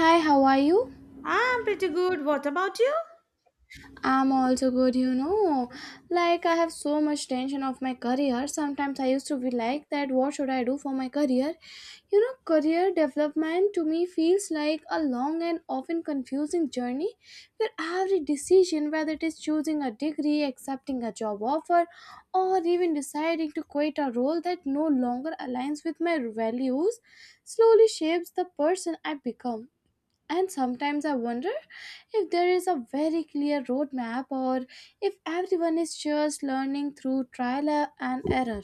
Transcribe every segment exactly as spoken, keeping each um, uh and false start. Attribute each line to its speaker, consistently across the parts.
Speaker 1: Hi, how are you?
Speaker 2: I'm pretty good. What about you?
Speaker 1: I'm also good, you know. Like I have so much tension of my career. Sometimes I used to be like that, what should I do for my career? You know, career development to me feels like a long and often confusing journey where every decision, whether it is choosing a degree, accepting a job offer, or even deciding to quit a role that no longer aligns with my values, slowly shapes the person I become. And sometimes I wonder if there is a very clear roadmap or if everyone is just learning through trial and error.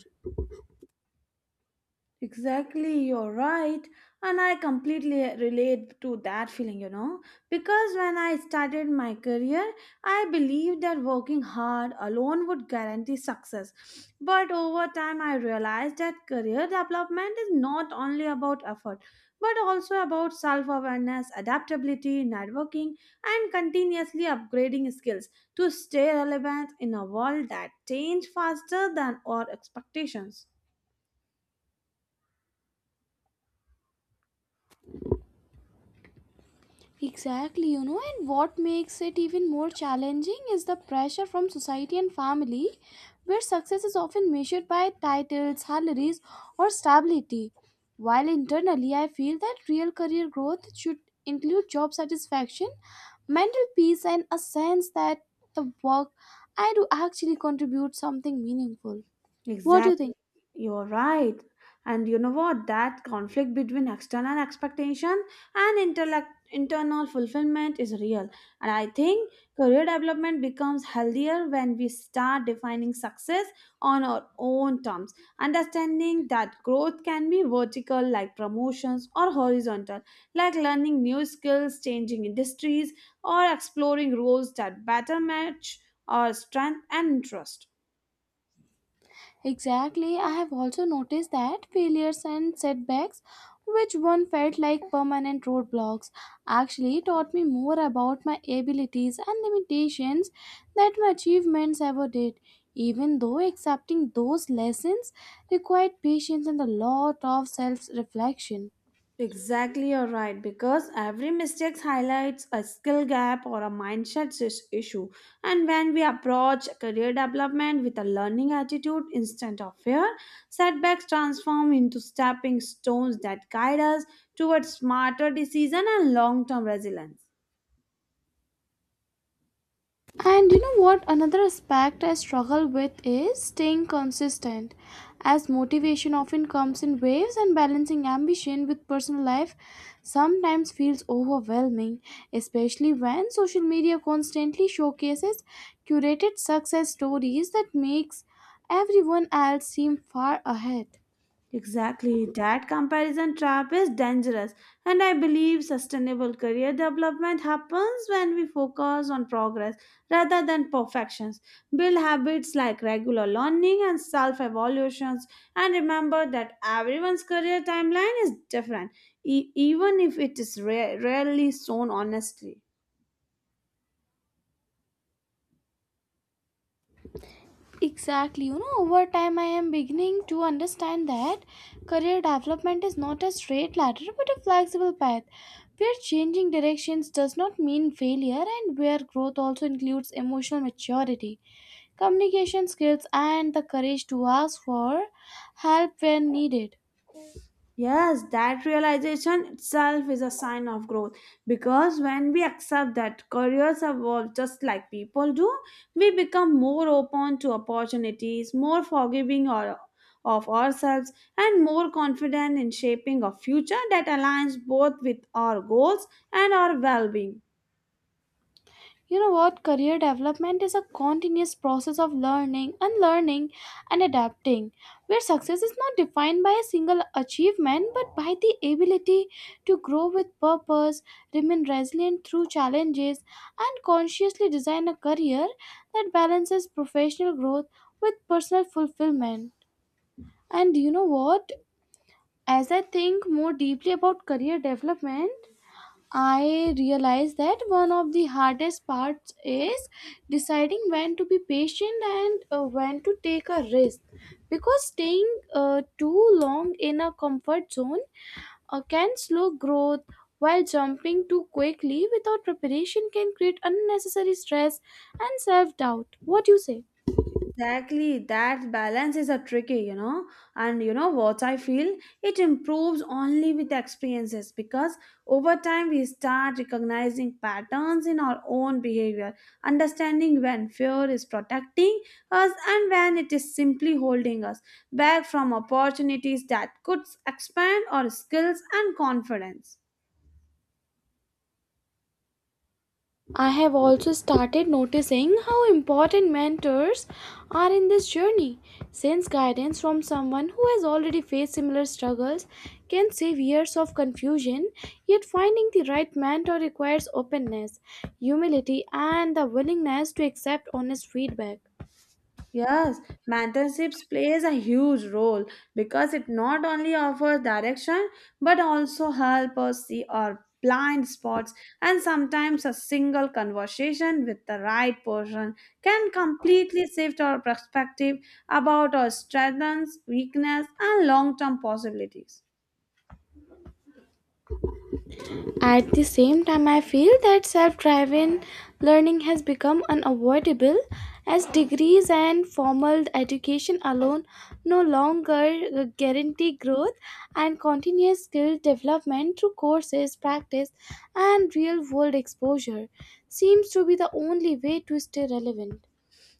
Speaker 2: Exactly, you're right. And I completely uh, relate to that feeling, you know, because when I started my career, I believed that working hard alone would guarantee success. But over time, I realized that career development is not only about effort, but also about self awareness, adaptability, networking, and continuously upgrading skills to stay relevant in a world that changes faster than our expectations.
Speaker 1: Exactly, you know, and what makes it even more challenging is the pressure from society and family, where success is often measured by titles, salaries, or stability. While internally, I feel that real career growth should include job satisfaction, mental peace, and a sense that the work I do actually contributes something meaningful. What do you
Speaker 2: Exactly.
Speaker 1: think?
Speaker 2: You're right. And you know what? That conflict between external expectation and intellect, internal fulfillment is real. And I think career development becomes healthier when we start defining success on our own terms, understanding that growth can be vertical, like promotions, or horizontal, like learning new skills, changing industries, or exploring roles that better match our strength and interest.
Speaker 1: Exactly. I have also noticed that failures and setbacks, which one felt like permanent roadblocks, actually taught me more about my abilities and limitations than my achievements ever did. Even though accepting those lessons required patience and a lot of self reflection.
Speaker 2: Exactly, you're right. Because every mistake highlights a skill gap or a mindset is- issue. And when we approach career development with a learning attitude instead of fear, setbacks transform into stepping stones that guide us towards smarter decision and long-term resilience.
Speaker 1: And you know what? Another aspect I struggle with is staying consistent, as motivation often comes in waves and balancing ambition with personal life sometimes feels overwhelming, especially when social media constantly showcases curated success stories that makes everyone else seem far ahead.
Speaker 2: Exactly. That comparison trap is dangerous, and I believe sustainable career development happens when we focus on progress rather than perfections. Build habits like regular learning and self evaluations, and remember that everyone's career timeline is different, e- even if it is ra- rarely shown honestly.
Speaker 1: Exactly. You know, over time, I am beginning to understand that career development is not a straight ladder but a flexible path where changing directions does not mean failure and where growth also includes emotional maturity, communication skills, and the courage to ask for help when needed.
Speaker 2: Yes, that realization itself is a sign of growth because when we accept that careers evolve just like people do, we become more open to opportunities, more forgiving or, of ourselves, and more confident in shaping a future that aligns both with our goals and our well being.
Speaker 1: You know what? Career development is a continuous process of learning, unlearning, and adapting, where success is not defined by a single achievement but by the ability to grow with purpose, remain resilient through challenges, and consciously design a career that balances professional growth with personal fulfillment. And you know what? As I think more deeply about career development, I realize that one of the hardest parts is deciding when to be patient and uh, when to take a risk because staying uh, too long in a comfort zone uh, can slow growth while jumping too quickly without preparation can create unnecessary stress and self doubt. What do you say?
Speaker 2: Exactly, that balance is a tricky, you know. And you know what I feel? It improves only with the experiences because over time we start recognizing patterns in our own behavior, understanding when fear is protecting us and when it is simply holding us back from opportunities that could expand our skills and confidence.
Speaker 1: I have also started noticing how important mentors are in this journey, since guidance from someone who has already faced similar struggles can save years of confusion. Yet, finding the right mentor requires openness, humility, and the willingness to accept honest feedback.
Speaker 2: Yes, mentorships plays a huge role because it not only offers direction but also help us see our blind spots and sometimes a single conversation with the right person can completely shift our perspective about our strengths, weakness and long-term possibilities.
Speaker 1: At the same time, I feel that self driven learning has become unavoidable as degrees and formal education alone no longer guarantee growth and continuous skill development through courses, practice, and real world exposure seems to be the only way to stay relevant.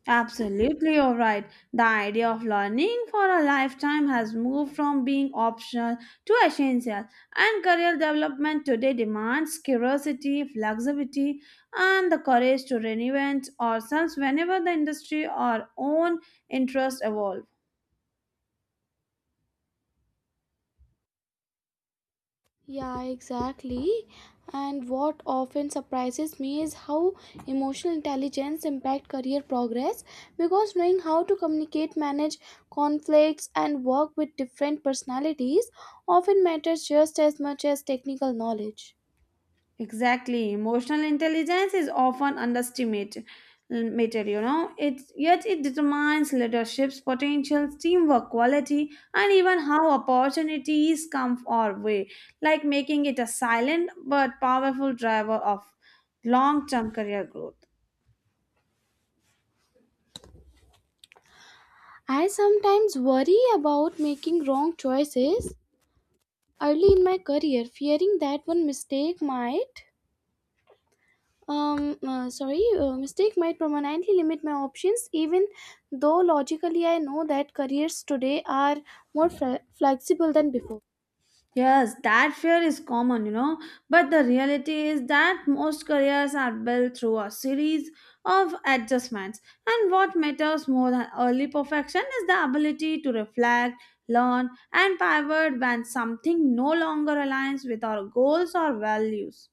Speaker 2: Absolutely, you're right. The idea of learning for a lifetime has moved from being optional to essential, and career development today demands curiosity, flexibility, and the courage to reinvent ourselves whenever the industry or own interests evolve.
Speaker 1: Yeah, exactly. And what often surprises me is how emotional intelligence impact career progress because knowing how to communicate, manage conflicts and work with different personalities often matters just as much as technical knowledge.
Speaker 2: Exactly. Emotional intelligence is often underestimated, mated, you know. It yet it determines leadership's potential, teamwork quality, and even how opportunities come our way, like making it a silent but powerful driver of long-term career growth.
Speaker 1: I sometimes worry about making wrong choices early in my career, fearing that one mistake might Um, uh, sorry, uh, mistake might permanently limit my options, even though logically I know that careers today are more fle- flexible than before.
Speaker 2: Yes, that fear is common, you know, but the reality is that most careers are built through a series of adjustments. And what matters more than early perfection is the ability to reflect, learn, and pivot when something no longer aligns with our goals or values.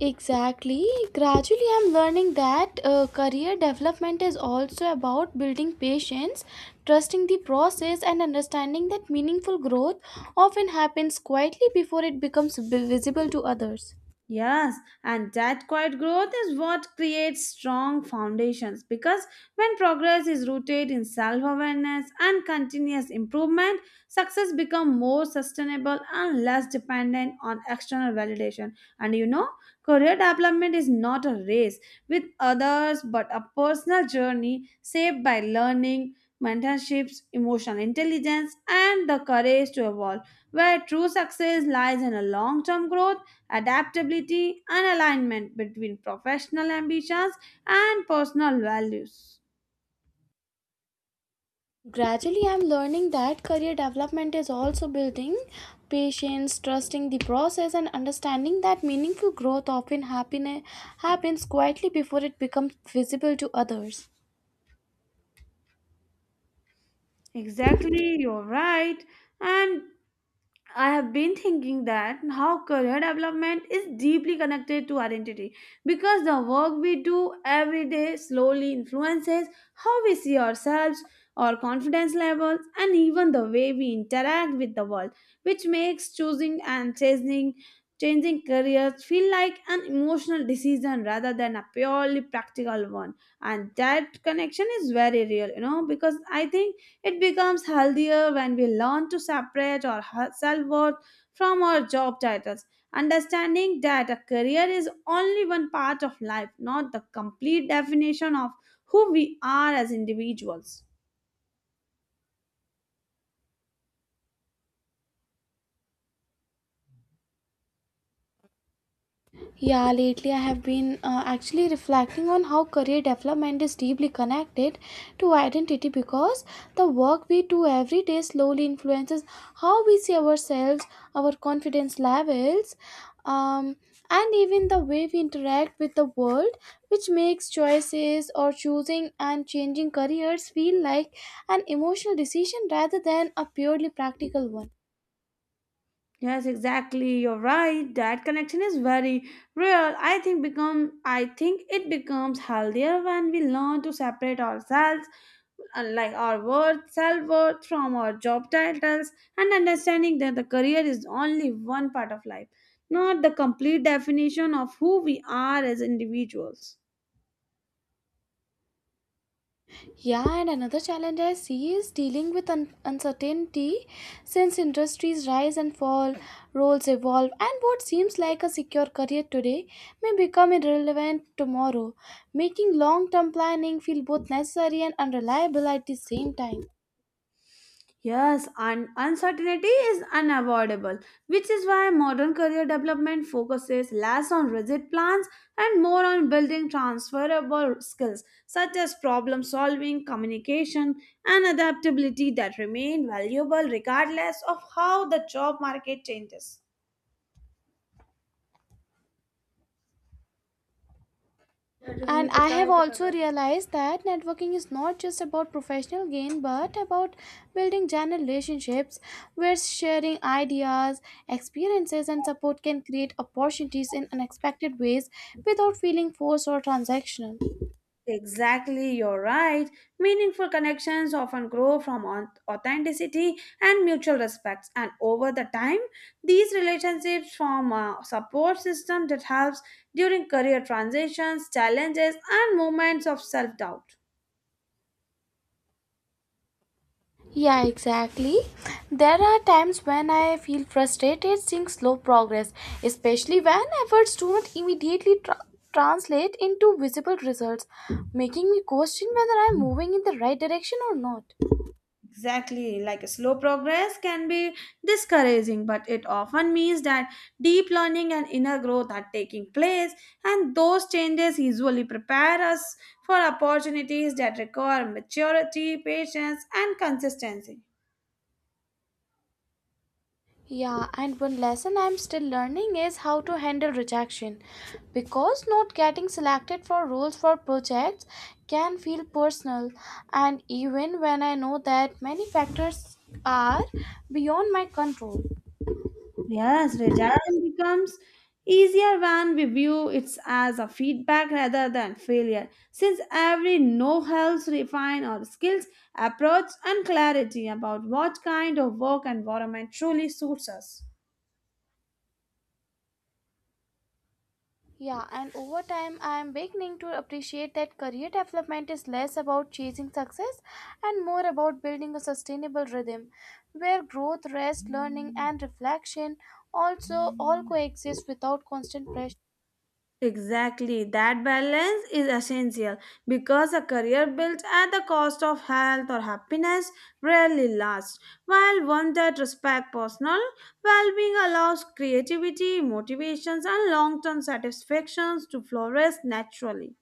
Speaker 1: Exactly. Gradually, I'm learning that uh, career development is also about building patience, trusting the process, and understanding that meaningful growth often happens quietly before it becomes vi- visible to others.
Speaker 2: Yes, and that quiet growth is what creates strong foundations because when progress is rooted in self awareness and continuous improvement, success becomes more sustainable and less dependent on external validation. And you know, career development is not a race with others but a personal journey shaped by learning, mentorships, emotional intelligence, and the courage to evolve, where true success lies in a long term growth adaptability, and alignment between professional ambitions and personal values.
Speaker 1: Gradually, I'm learning that career development is also building patience, trusting the process, and understanding that meaningful growth often happen- happens quietly before it becomes visible to others.
Speaker 2: Exactly, you're right. And I have been thinking that how career development is deeply connected to identity because the work we do every day slowly influences how we see ourselves, our confidence levels, and even the way we interact with the world, which makes choosing and changing changing careers feel like an emotional decision rather than a purely practical one. And that connection is very real, you know, because I think it becomes healthier when we learn to separate our self worth from our job titles, understanding that a career is only one part of life, not the complete definition of who we are as individuals.
Speaker 1: Yeah, lately I have been uh, actually reflecting on how career development is deeply connected to identity because the work we do every day slowly influences how we see ourselves, our confidence levels, um, and even the way we interact with the world, which makes choices or choosing and changing careers feel like an emotional decision rather than a purely practical one.
Speaker 2: Yes, exactly. You're right. That connection is very real. I think become I think it becomes healthier when we learn to separate ourselves, uh, like our worth, self-worth from our job titles, and understanding that the career is only one part of life, not the complete definition of who we are as individuals.
Speaker 1: Yeah, and another challenge I see is dealing with un- uncertainty since industries rise and fall, roles evolve, and what seems like a secure career today may become irrelevant tomorrow, making long term planning feel both necessary and unreliable at the same time.
Speaker 2: Yes, and uncertainty is unavoidable, which is why modern career development focuses less on rigid plans and more on building transferable skills such as problem solving, communication, and adaptability that remain valuable regardless of how the job market changes.
Speaker 1: And I have also realized that networking is not just about professional gain but about building genuine relationships where sharing ideas, experiences, and support can create opportunities in unexpected ways without feeling forced or transactional.
Speaker 2: Exactly, you're right. Meaningful connections often grow from au- authenticity and mutual respects, and over the time, these relationships form a support system that helps during career transitions, challenges, and moments of self doubt.
Speaker 1: Yeah, exactly. There are times when I feel frustrated seeing slow progress, especially when efforts do not immediately tra- translate into visible results, making me question whether I am moving in the right direction or not.
Speaker 2: Exactly, like slow progress can be discouraging, but it often means that deep learning and inner growth are taking place, and those changes usually prepare us for opportunities that require maturity, patience, and consistency.
Speaker 1: Yeah, and one lesson I'm still learning is how to handle rejection because not getting selected for roles for projects can feel personal, and even when I know that many factors are beyond my control.
Speaker 2: Yes, rejection becomes easier when we view it as a feedback rather than failure, since every no helps refine our skills, approach, and clarity about what kind of work environment truly suits us.
Speaker 1: Yeah, and over time, I am beginning to appreciate that career development is less about chasing success and more about building a sustainable rhythm where growth, rest, learning, and reflection also all coexist without constant pressure.
Speaker 2: Exactly. That balance is essential because a career built at the cost of health or happiness rarely lasts, while one that respects personal well being allows creativity, motivations, and long term satisfactions to flourish naturally.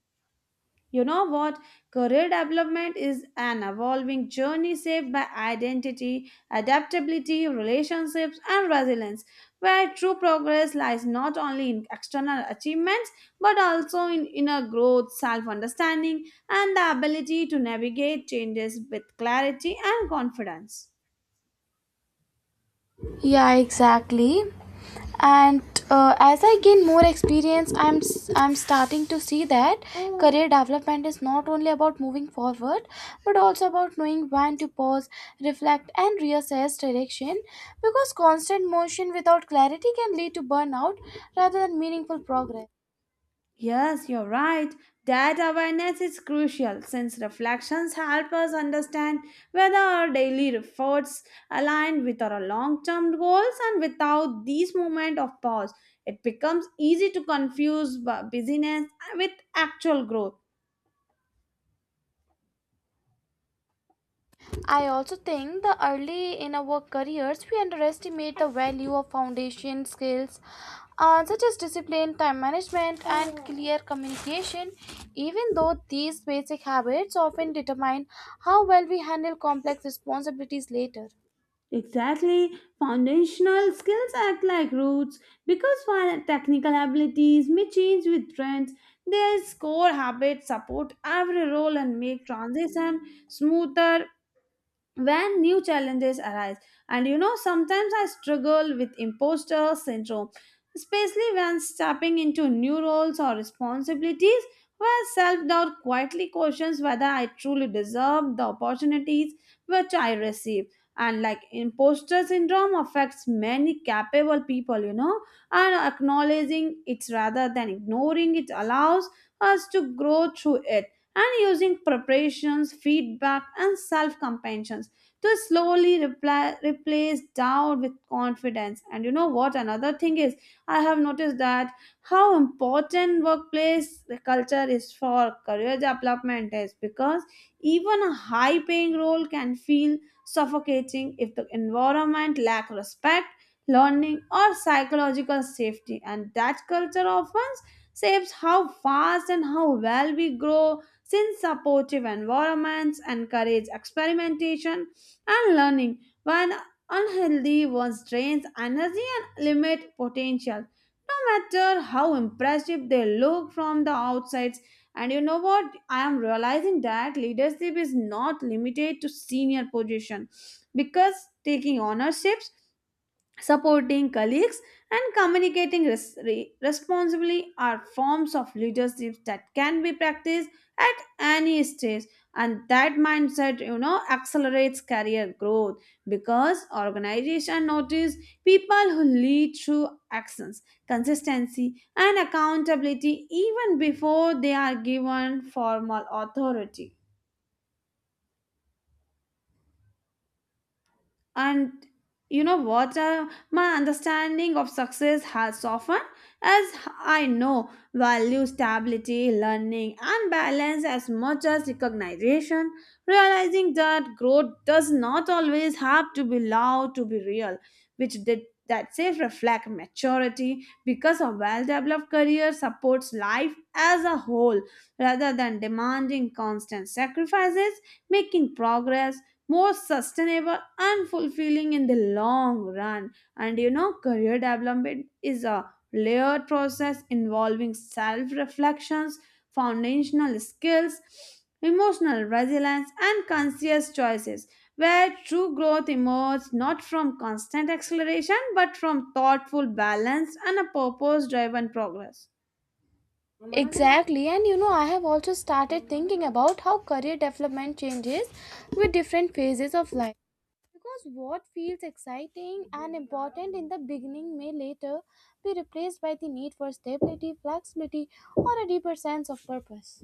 Speaker 2: You know what? Career development is an evolving journey shaped by identity, adaptability, relationships, and resilience, where true progress lies not only in external achievements but also in inner growth, self understanding, and the ability to navigate changes with clarity and confidence.
Speaker 1: Yeah, exactly. And uh, as I gain more experience, I'm s- I'm starting to see that career development is not only about moving forward, but also about knowing when to pause, reflect, and reassess direction. Because constant motion without clarity can lead to burnout rather than meaningful progress.
Speaker 2: Yes, you're right. That awareness is crucial since reflections help us understand whether our daily efforts align with our long term goals, and without these moments of pause, it becomes easy to confuse bu- busyness with actual growth.
Speaker 1: I also think the early in our careers we underestimate the value of foundation skills uh, such as discipline, time management, and clear communication, even though these basic habits often determine how well we handle complex responsibilities later.
Speaker 2: Exactly. Foundational skills act like roots because while technical abilities may change with trends, their core habits support every role and make transition smoother when new challenges arise. And you know, sometimes I struggle with imposter syndrome, especially when stepping into new roles or responsibilities where self doubt quietly questions whether I truly deserve the opportunities which I receive. And like imposter syndrome affects many capable people, you know, and acknowledging it rather than ignoring it allows us to grow through it and using preparations, feedback, and self compassion to slowly reply, replace doubt with confidence. And you know what? Another thing is, I have noticed that how important workplace culture is for career development is because even a high paying role can feel suffocating if the environment lack respect learning or psychological safety. And that culture often shapes how fast and how well we grow since supportive environments encourage experimentation and learning when unhealthy ones drains energy and limit potential no matter how impressive they look from the outsides. And you know what? I am realizing that leadership is not limited to senior position because taking ownerships, supporting colleagues, and communicating res- re- responsibly are forms of leadership that can be practiced at any stage. And that mindset, you know, accelerates career growth because organization notice people who lead through actions, consistency, and accountability even before they are given formal authority. And you know what, uh, my understanding of success has softened as I know value stability learning and balance as much as recognition, realizing that growth does not always have to be loud to be real, which did that says reflect maturity because a well-developed career supports life as a whole rather than demanding constant sacrifices, making progress more sustainable and fulfilling in the long run. And you know, career development is a layered process involving self reflections, foundational skills, emotional resilience, and conscious choices, where true growth emerges not from constant acceleration but from thoughtful balance and a purpose driven progress.
Speaker 1: Exactly, and you know, I have also started thinking about how career development changes with different phases of life. Because what feels exciting and important in the beginning may later be replaced by the need for stability, flexibility, or a deeper sense of purpose.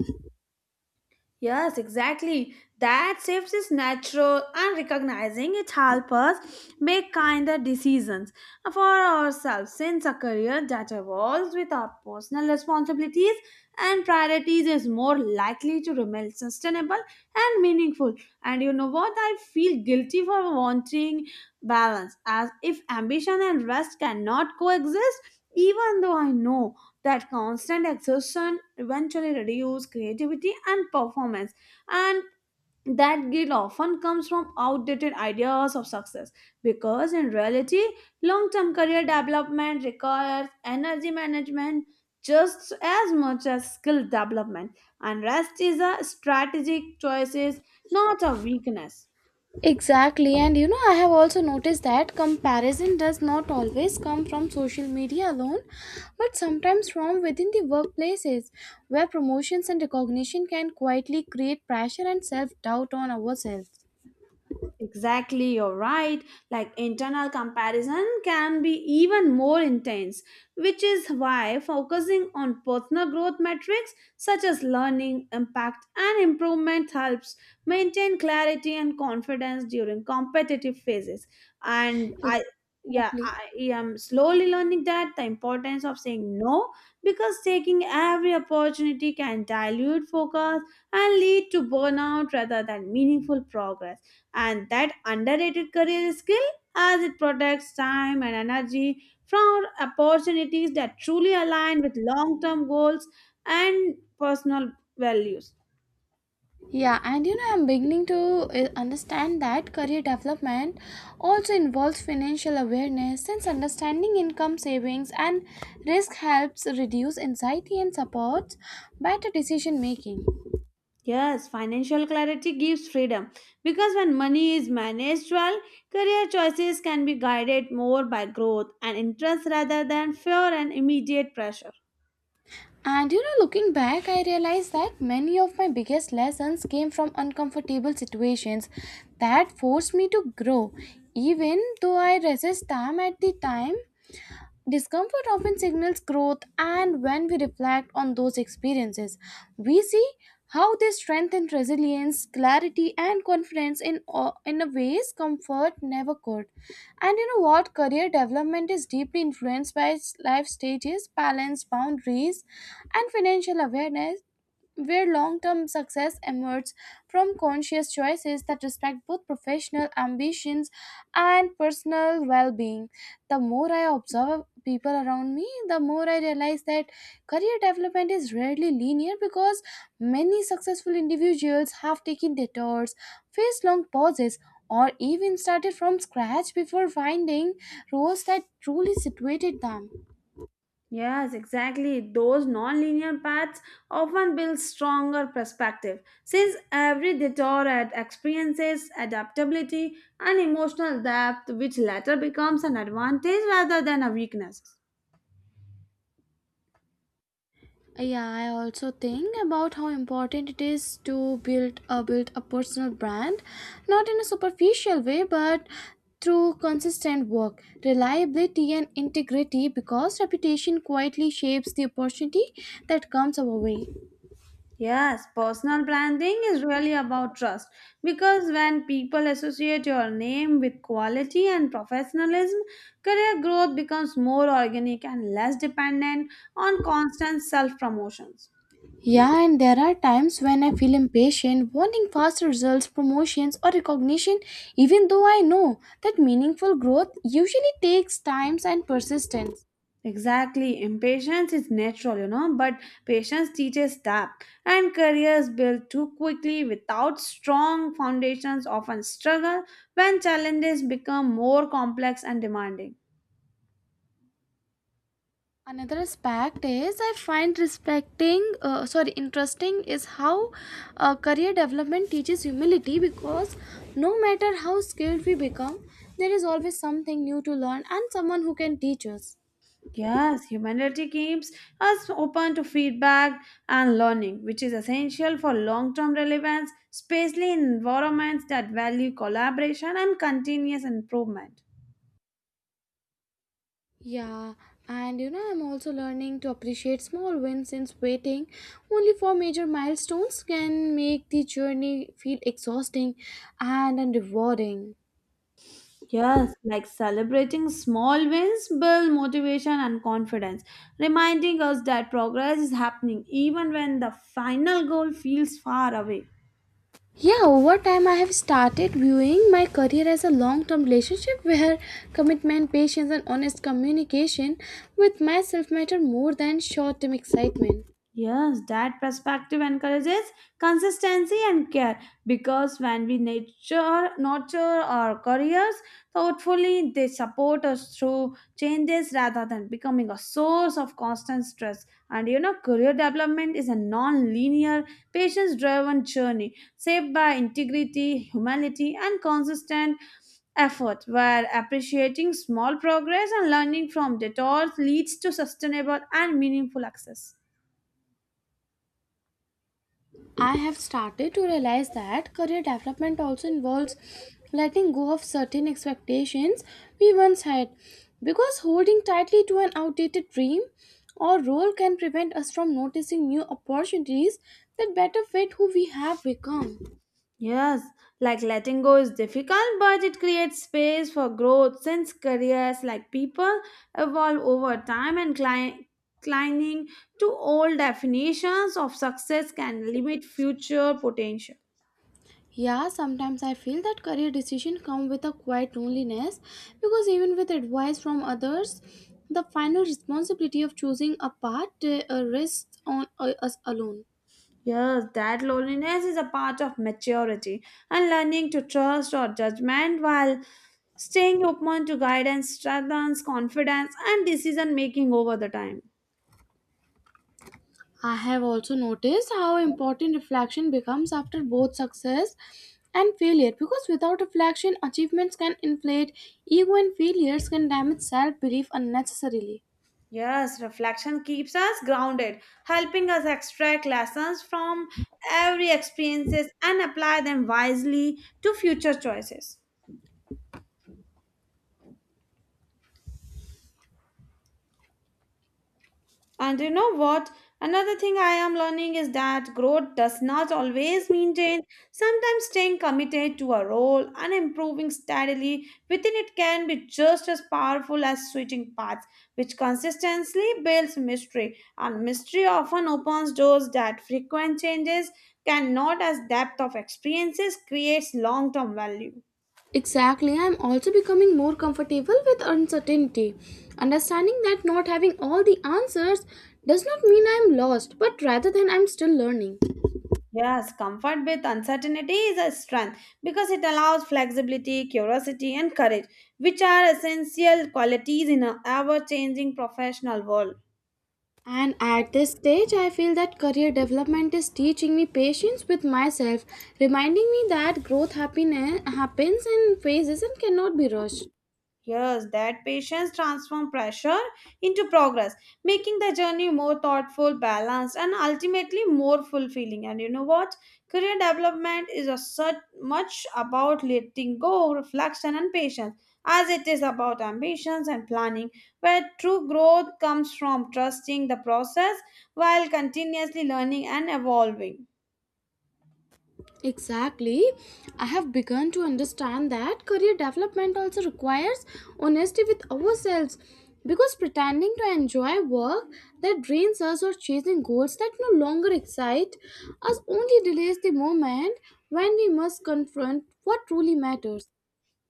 Speaker 2: Yes, exactly. That shifts is natural and recognizing it helps us make kinder decisions for ourselves since a career that evolves with our personal responsibilities and priorities is more likely to remain sustainable and meaningful. And you know what? I feel guilty for wanting balance as if ambition and rest cannot coexist even though I know that constant exertion eventually reduces creativity and performance. And that guilt often comes from outdated ideas of success because in reality long-term career development requires energy management just as much as skill development, and rest is a strategic choice, not a weakness.
Speaker 1: Exactly, and you know, I have also noticed that comparison does not always come from social media alone, but sometimes from within the workplaces where promotions and recognition can quietly create pressure and self doubt on ourselves.
Speaker 2: Exactly, you're right. Like internal comparison can be even more intense, which is why focusing on personal growth metrics such as learning, impact, and improvement helps maintain clarity and confidence during competitive phases. And I yeah,
Speaker 1: Exactly.
Speaker 2: I am slowly learning that the importance of saying no because taking every opportunity can dilute focus and lead to burnout rather than meaningful progress, and that underrated career skill as it protects time and energy from opportunities that truly align with long-term goals and personal values.
Speaker 1: Yeah, and you know, I'm beginning to uh, understand that career development also involves financial awareness since understanding income savings and risk helps reduce anxiety and supports better decision making.
Speaker 2: Yes, financial clarity gives freedom because when money is managed well, career choices can be guided more by growth and interest rather than fear and immediate pressure.
Speaker 1: And you know, looking back, I realized that many of my biggest lessons came from uncomfortable situations that forced me to grow, even though I resist them at the time. Discomfort often signals growth, and when we reflect on those experiences, we see how they strengthen resilience, clarity, and confidence in, o- in a ways comfort never could. And you know what? Career development is deeply influenced by its life stages, balance, boundaries, and financial awareness where long term success emerges from conscious choices that respect both professional ambitions and personal well being. The more I observe people around me, the more I realize that career development is rarely linear because many successful individuals have taken detours, faced long pauses, or even started from scratch before finding roles that truly situated them.
Speaker 2: Yes, exactly. Those nonlinear paths often build stronger perspective since every detour ad- experiences adaptability and emotional depth, which later becomes an advantage rather than a weakness.
Speaker 1: Yeah, I also think about how important it is to build a build a personal brand, not in a superficial way, but through consistent work, reliability, and integrity, because reputation quietly shapes the opportunity that comes our way.
Speaker 2: Yes, personal branding is really about trust because when people associate your name with quality and professionalism, career growth becomes more organic and less dependent on constant self promotions.
Speaker 1: Yeah, and there are times when I feel impatient, wanting fast results, promotions, or recognition, even though I know that meaningful growth usually takes time and persistence.
Speaker 2: Exactly. Impatience is natural, you know, but patience teaches that. And careers built too quickly without strong foundations often struggle when challenges become more complex and demanding.
Speaker 1: Another aspect is I find respecting uh, sorry interesting is how uh, career development teaches humility because no matter how skilled we become there is always something new to learn and someone who can teach us.
Speaker 2: Yes, humanity keeps us open to feedback and learning, which is essential for long term relevance, especially in environments that value collaboration and continuous improvement.
Speaker 1: Yeah, and you know, I'm also learning to appreciate small wins since waiting only for major milestones can make the journey feel exhausting and unrewarding.
Speaker 2: Yes, like celebrating small wins build motivation and confidence, reminding us that progress is happening even when the final goal feels far away.
Speaker 1: Yeah, over time, I have started viewing my career as a long term relationship where commitment, patience, and honest communication with myself matter more than short term excitement.
Speaker 2: Yes, that perspective encourages consistency and care because when we nature, nurture our careers thoughtfully, they support us through changes rather than becoming a source of constant stress. And you know, career development is a non linear, patience driven journey shaped by integrity, humility, and consistent effort, where appreciating small progress and learning from detours leads to sustainable and meaningful access.
Speaker 1: I have started to realize that career development also involves letting go of certain expectations we once had because holding tightly to an outdated dream or role can prevent us from noticing new opportunities that better fit who we have become.
Speaker 2: Yes, like letting go is difficult, but it creates space for growth since careers like people evolve over time and cli- clinging to old definitions of success can limit future potential.
Speaker 1: Yeah, sometimes I feel that career decisions come with a quiet loneliness because even with advice from others, the final responsibility of choosing a path uh, rests on uh, us alone.
Speaker 2: Yes, that loneliness is a part of maturity and learning to trust or judgment while staying open to guidance strengthens confidence and decision making over the time.
Speaker 1: I have also noticed how important reflection becomes after both success and failure because without reflection, achievements can inflate ego and failures can damage self belief unnecessarily.
Speaker 2: Yes, reflection keeps us grounded, helping us extract lessons from every experiences and apply them wisely to future choices. And you know what? Another thing I am learning is that growth does not always mean change. Sometimes staying committed to a role and improving steadily within it can be just as powerful as switching paths, which consistently builds mystery. And mystery often opens doors that frequent changes cannot, as depth of experiences creates long term value.
Speaker 1: Exactly, I am also becoming more comfortable with uncertainty. Understanding that not having all the answers does not mean I am lost, but rather than I am still learning.
Speaker 2: Yes, comfort with uncertainty is a strength because it allows flexibility, curiosity, and courage, which are essential qualities in our ever changing professional world.
Speaker 1: And at this stage, I feel that career development is teaching me patience with myself, reminding me that growth happiness happens in phases and cannot be rushed.
Speaker 2: Yes, that patience transforms pressure into progress, making the journey more thoughtful, balanced, and ultimately more fulfilling. And you know what? Career development is a such much about letting go, reflection, and patience, as it is about ambitions and planning, where true growth comes from trusting the process while continuously learning and evolving.
Speaker 1: Exactly. I have begun to understand that career development also requires honesty with ourselves because pretending to enjoy work that drains us or chasing goals that no longer excite us only delays the moment when we must confront what truly matters.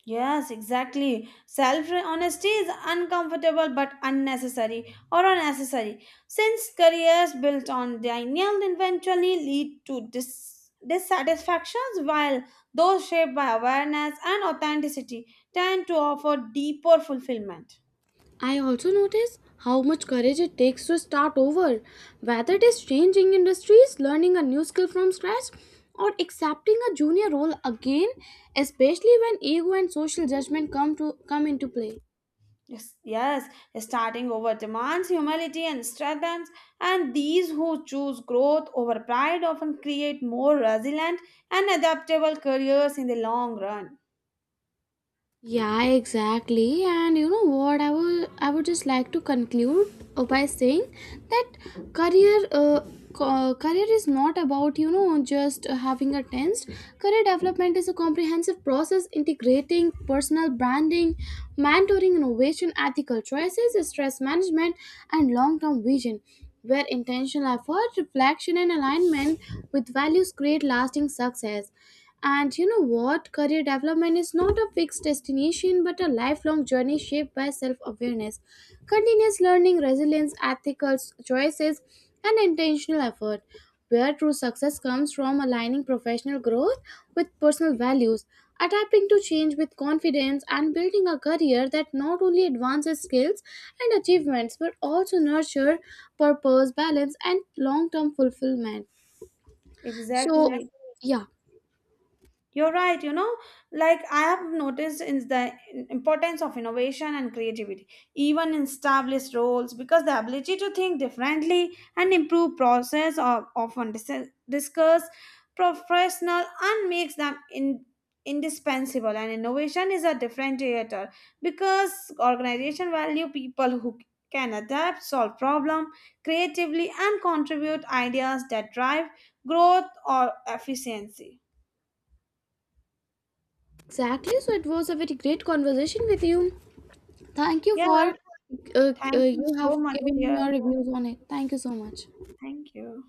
Speaker 2: Yes, exactly. Self honesty is uncomfortable but unnecessary or unnecessary since careers built on denial eventually lead to dis- dissatisfactions, while those shaped by awareness and authenticity tend to offer deeper fulfillment.
Speaker 1: I also notice how much courage it takes to start over, whether it is changing industries, learning a new skill from scratch, or accepting a junior role again, especially when ego and social judgment come to come into play.
Speaker 2: Yes, yes, starting over demands humility and strengthens, and these who choose growth over pride often create more resilient and adaptable careers in the long run.
Speaker 1: Yeah, exactly. And you know what? I would I would just like to conclude uh, by saying that career uh, ca- career is not about you know just uh, having a tense. Career development is a comprehensive process integrating personal branding, mentoring, innovation, ethical choices, stress management, and long term vision. Where intentional effort, reflection, and alignment with values create lasting success. And you know what? Career development is not a fixed destination but a lifelong journey shaped by self awareness, continuous learning, resilience, ethical choices, and intentional effort. Where true success comes from aligning professional growth with personal values, adapting to change with confidence, and building a career that not only advances skills and achievements but also nurture purpose, balance, and long term fulfillment. So,
Speaker 2: Exactly.
Speaker 1: yeah.
Speaker 2: You're right, you know, like I have noticed in the importance of innovation and creativity, even in established roles, because the ability to think differently and improve process are often dis- discussed professional and makes them in- indispensable. And innovation is a differentiator because organization value people who can adapt, solve problem creatively, and contribute ideas that drive growth or efficiency.
Speaker 1: Exactly. So it was a very great conversation with you. Thank you
Speaker 2: Yeah.
Speaker 1: for uh, uh,
Speaker 2: Thank you
Speaker 1: you
Speaker 2: so
Speaker 1: have
Speaker 2: much,
Speaker 1: given
Speaker 2: dear.
Speaker 1: me your reviews on it. Thank you so much.
Speaker 2: Thank you.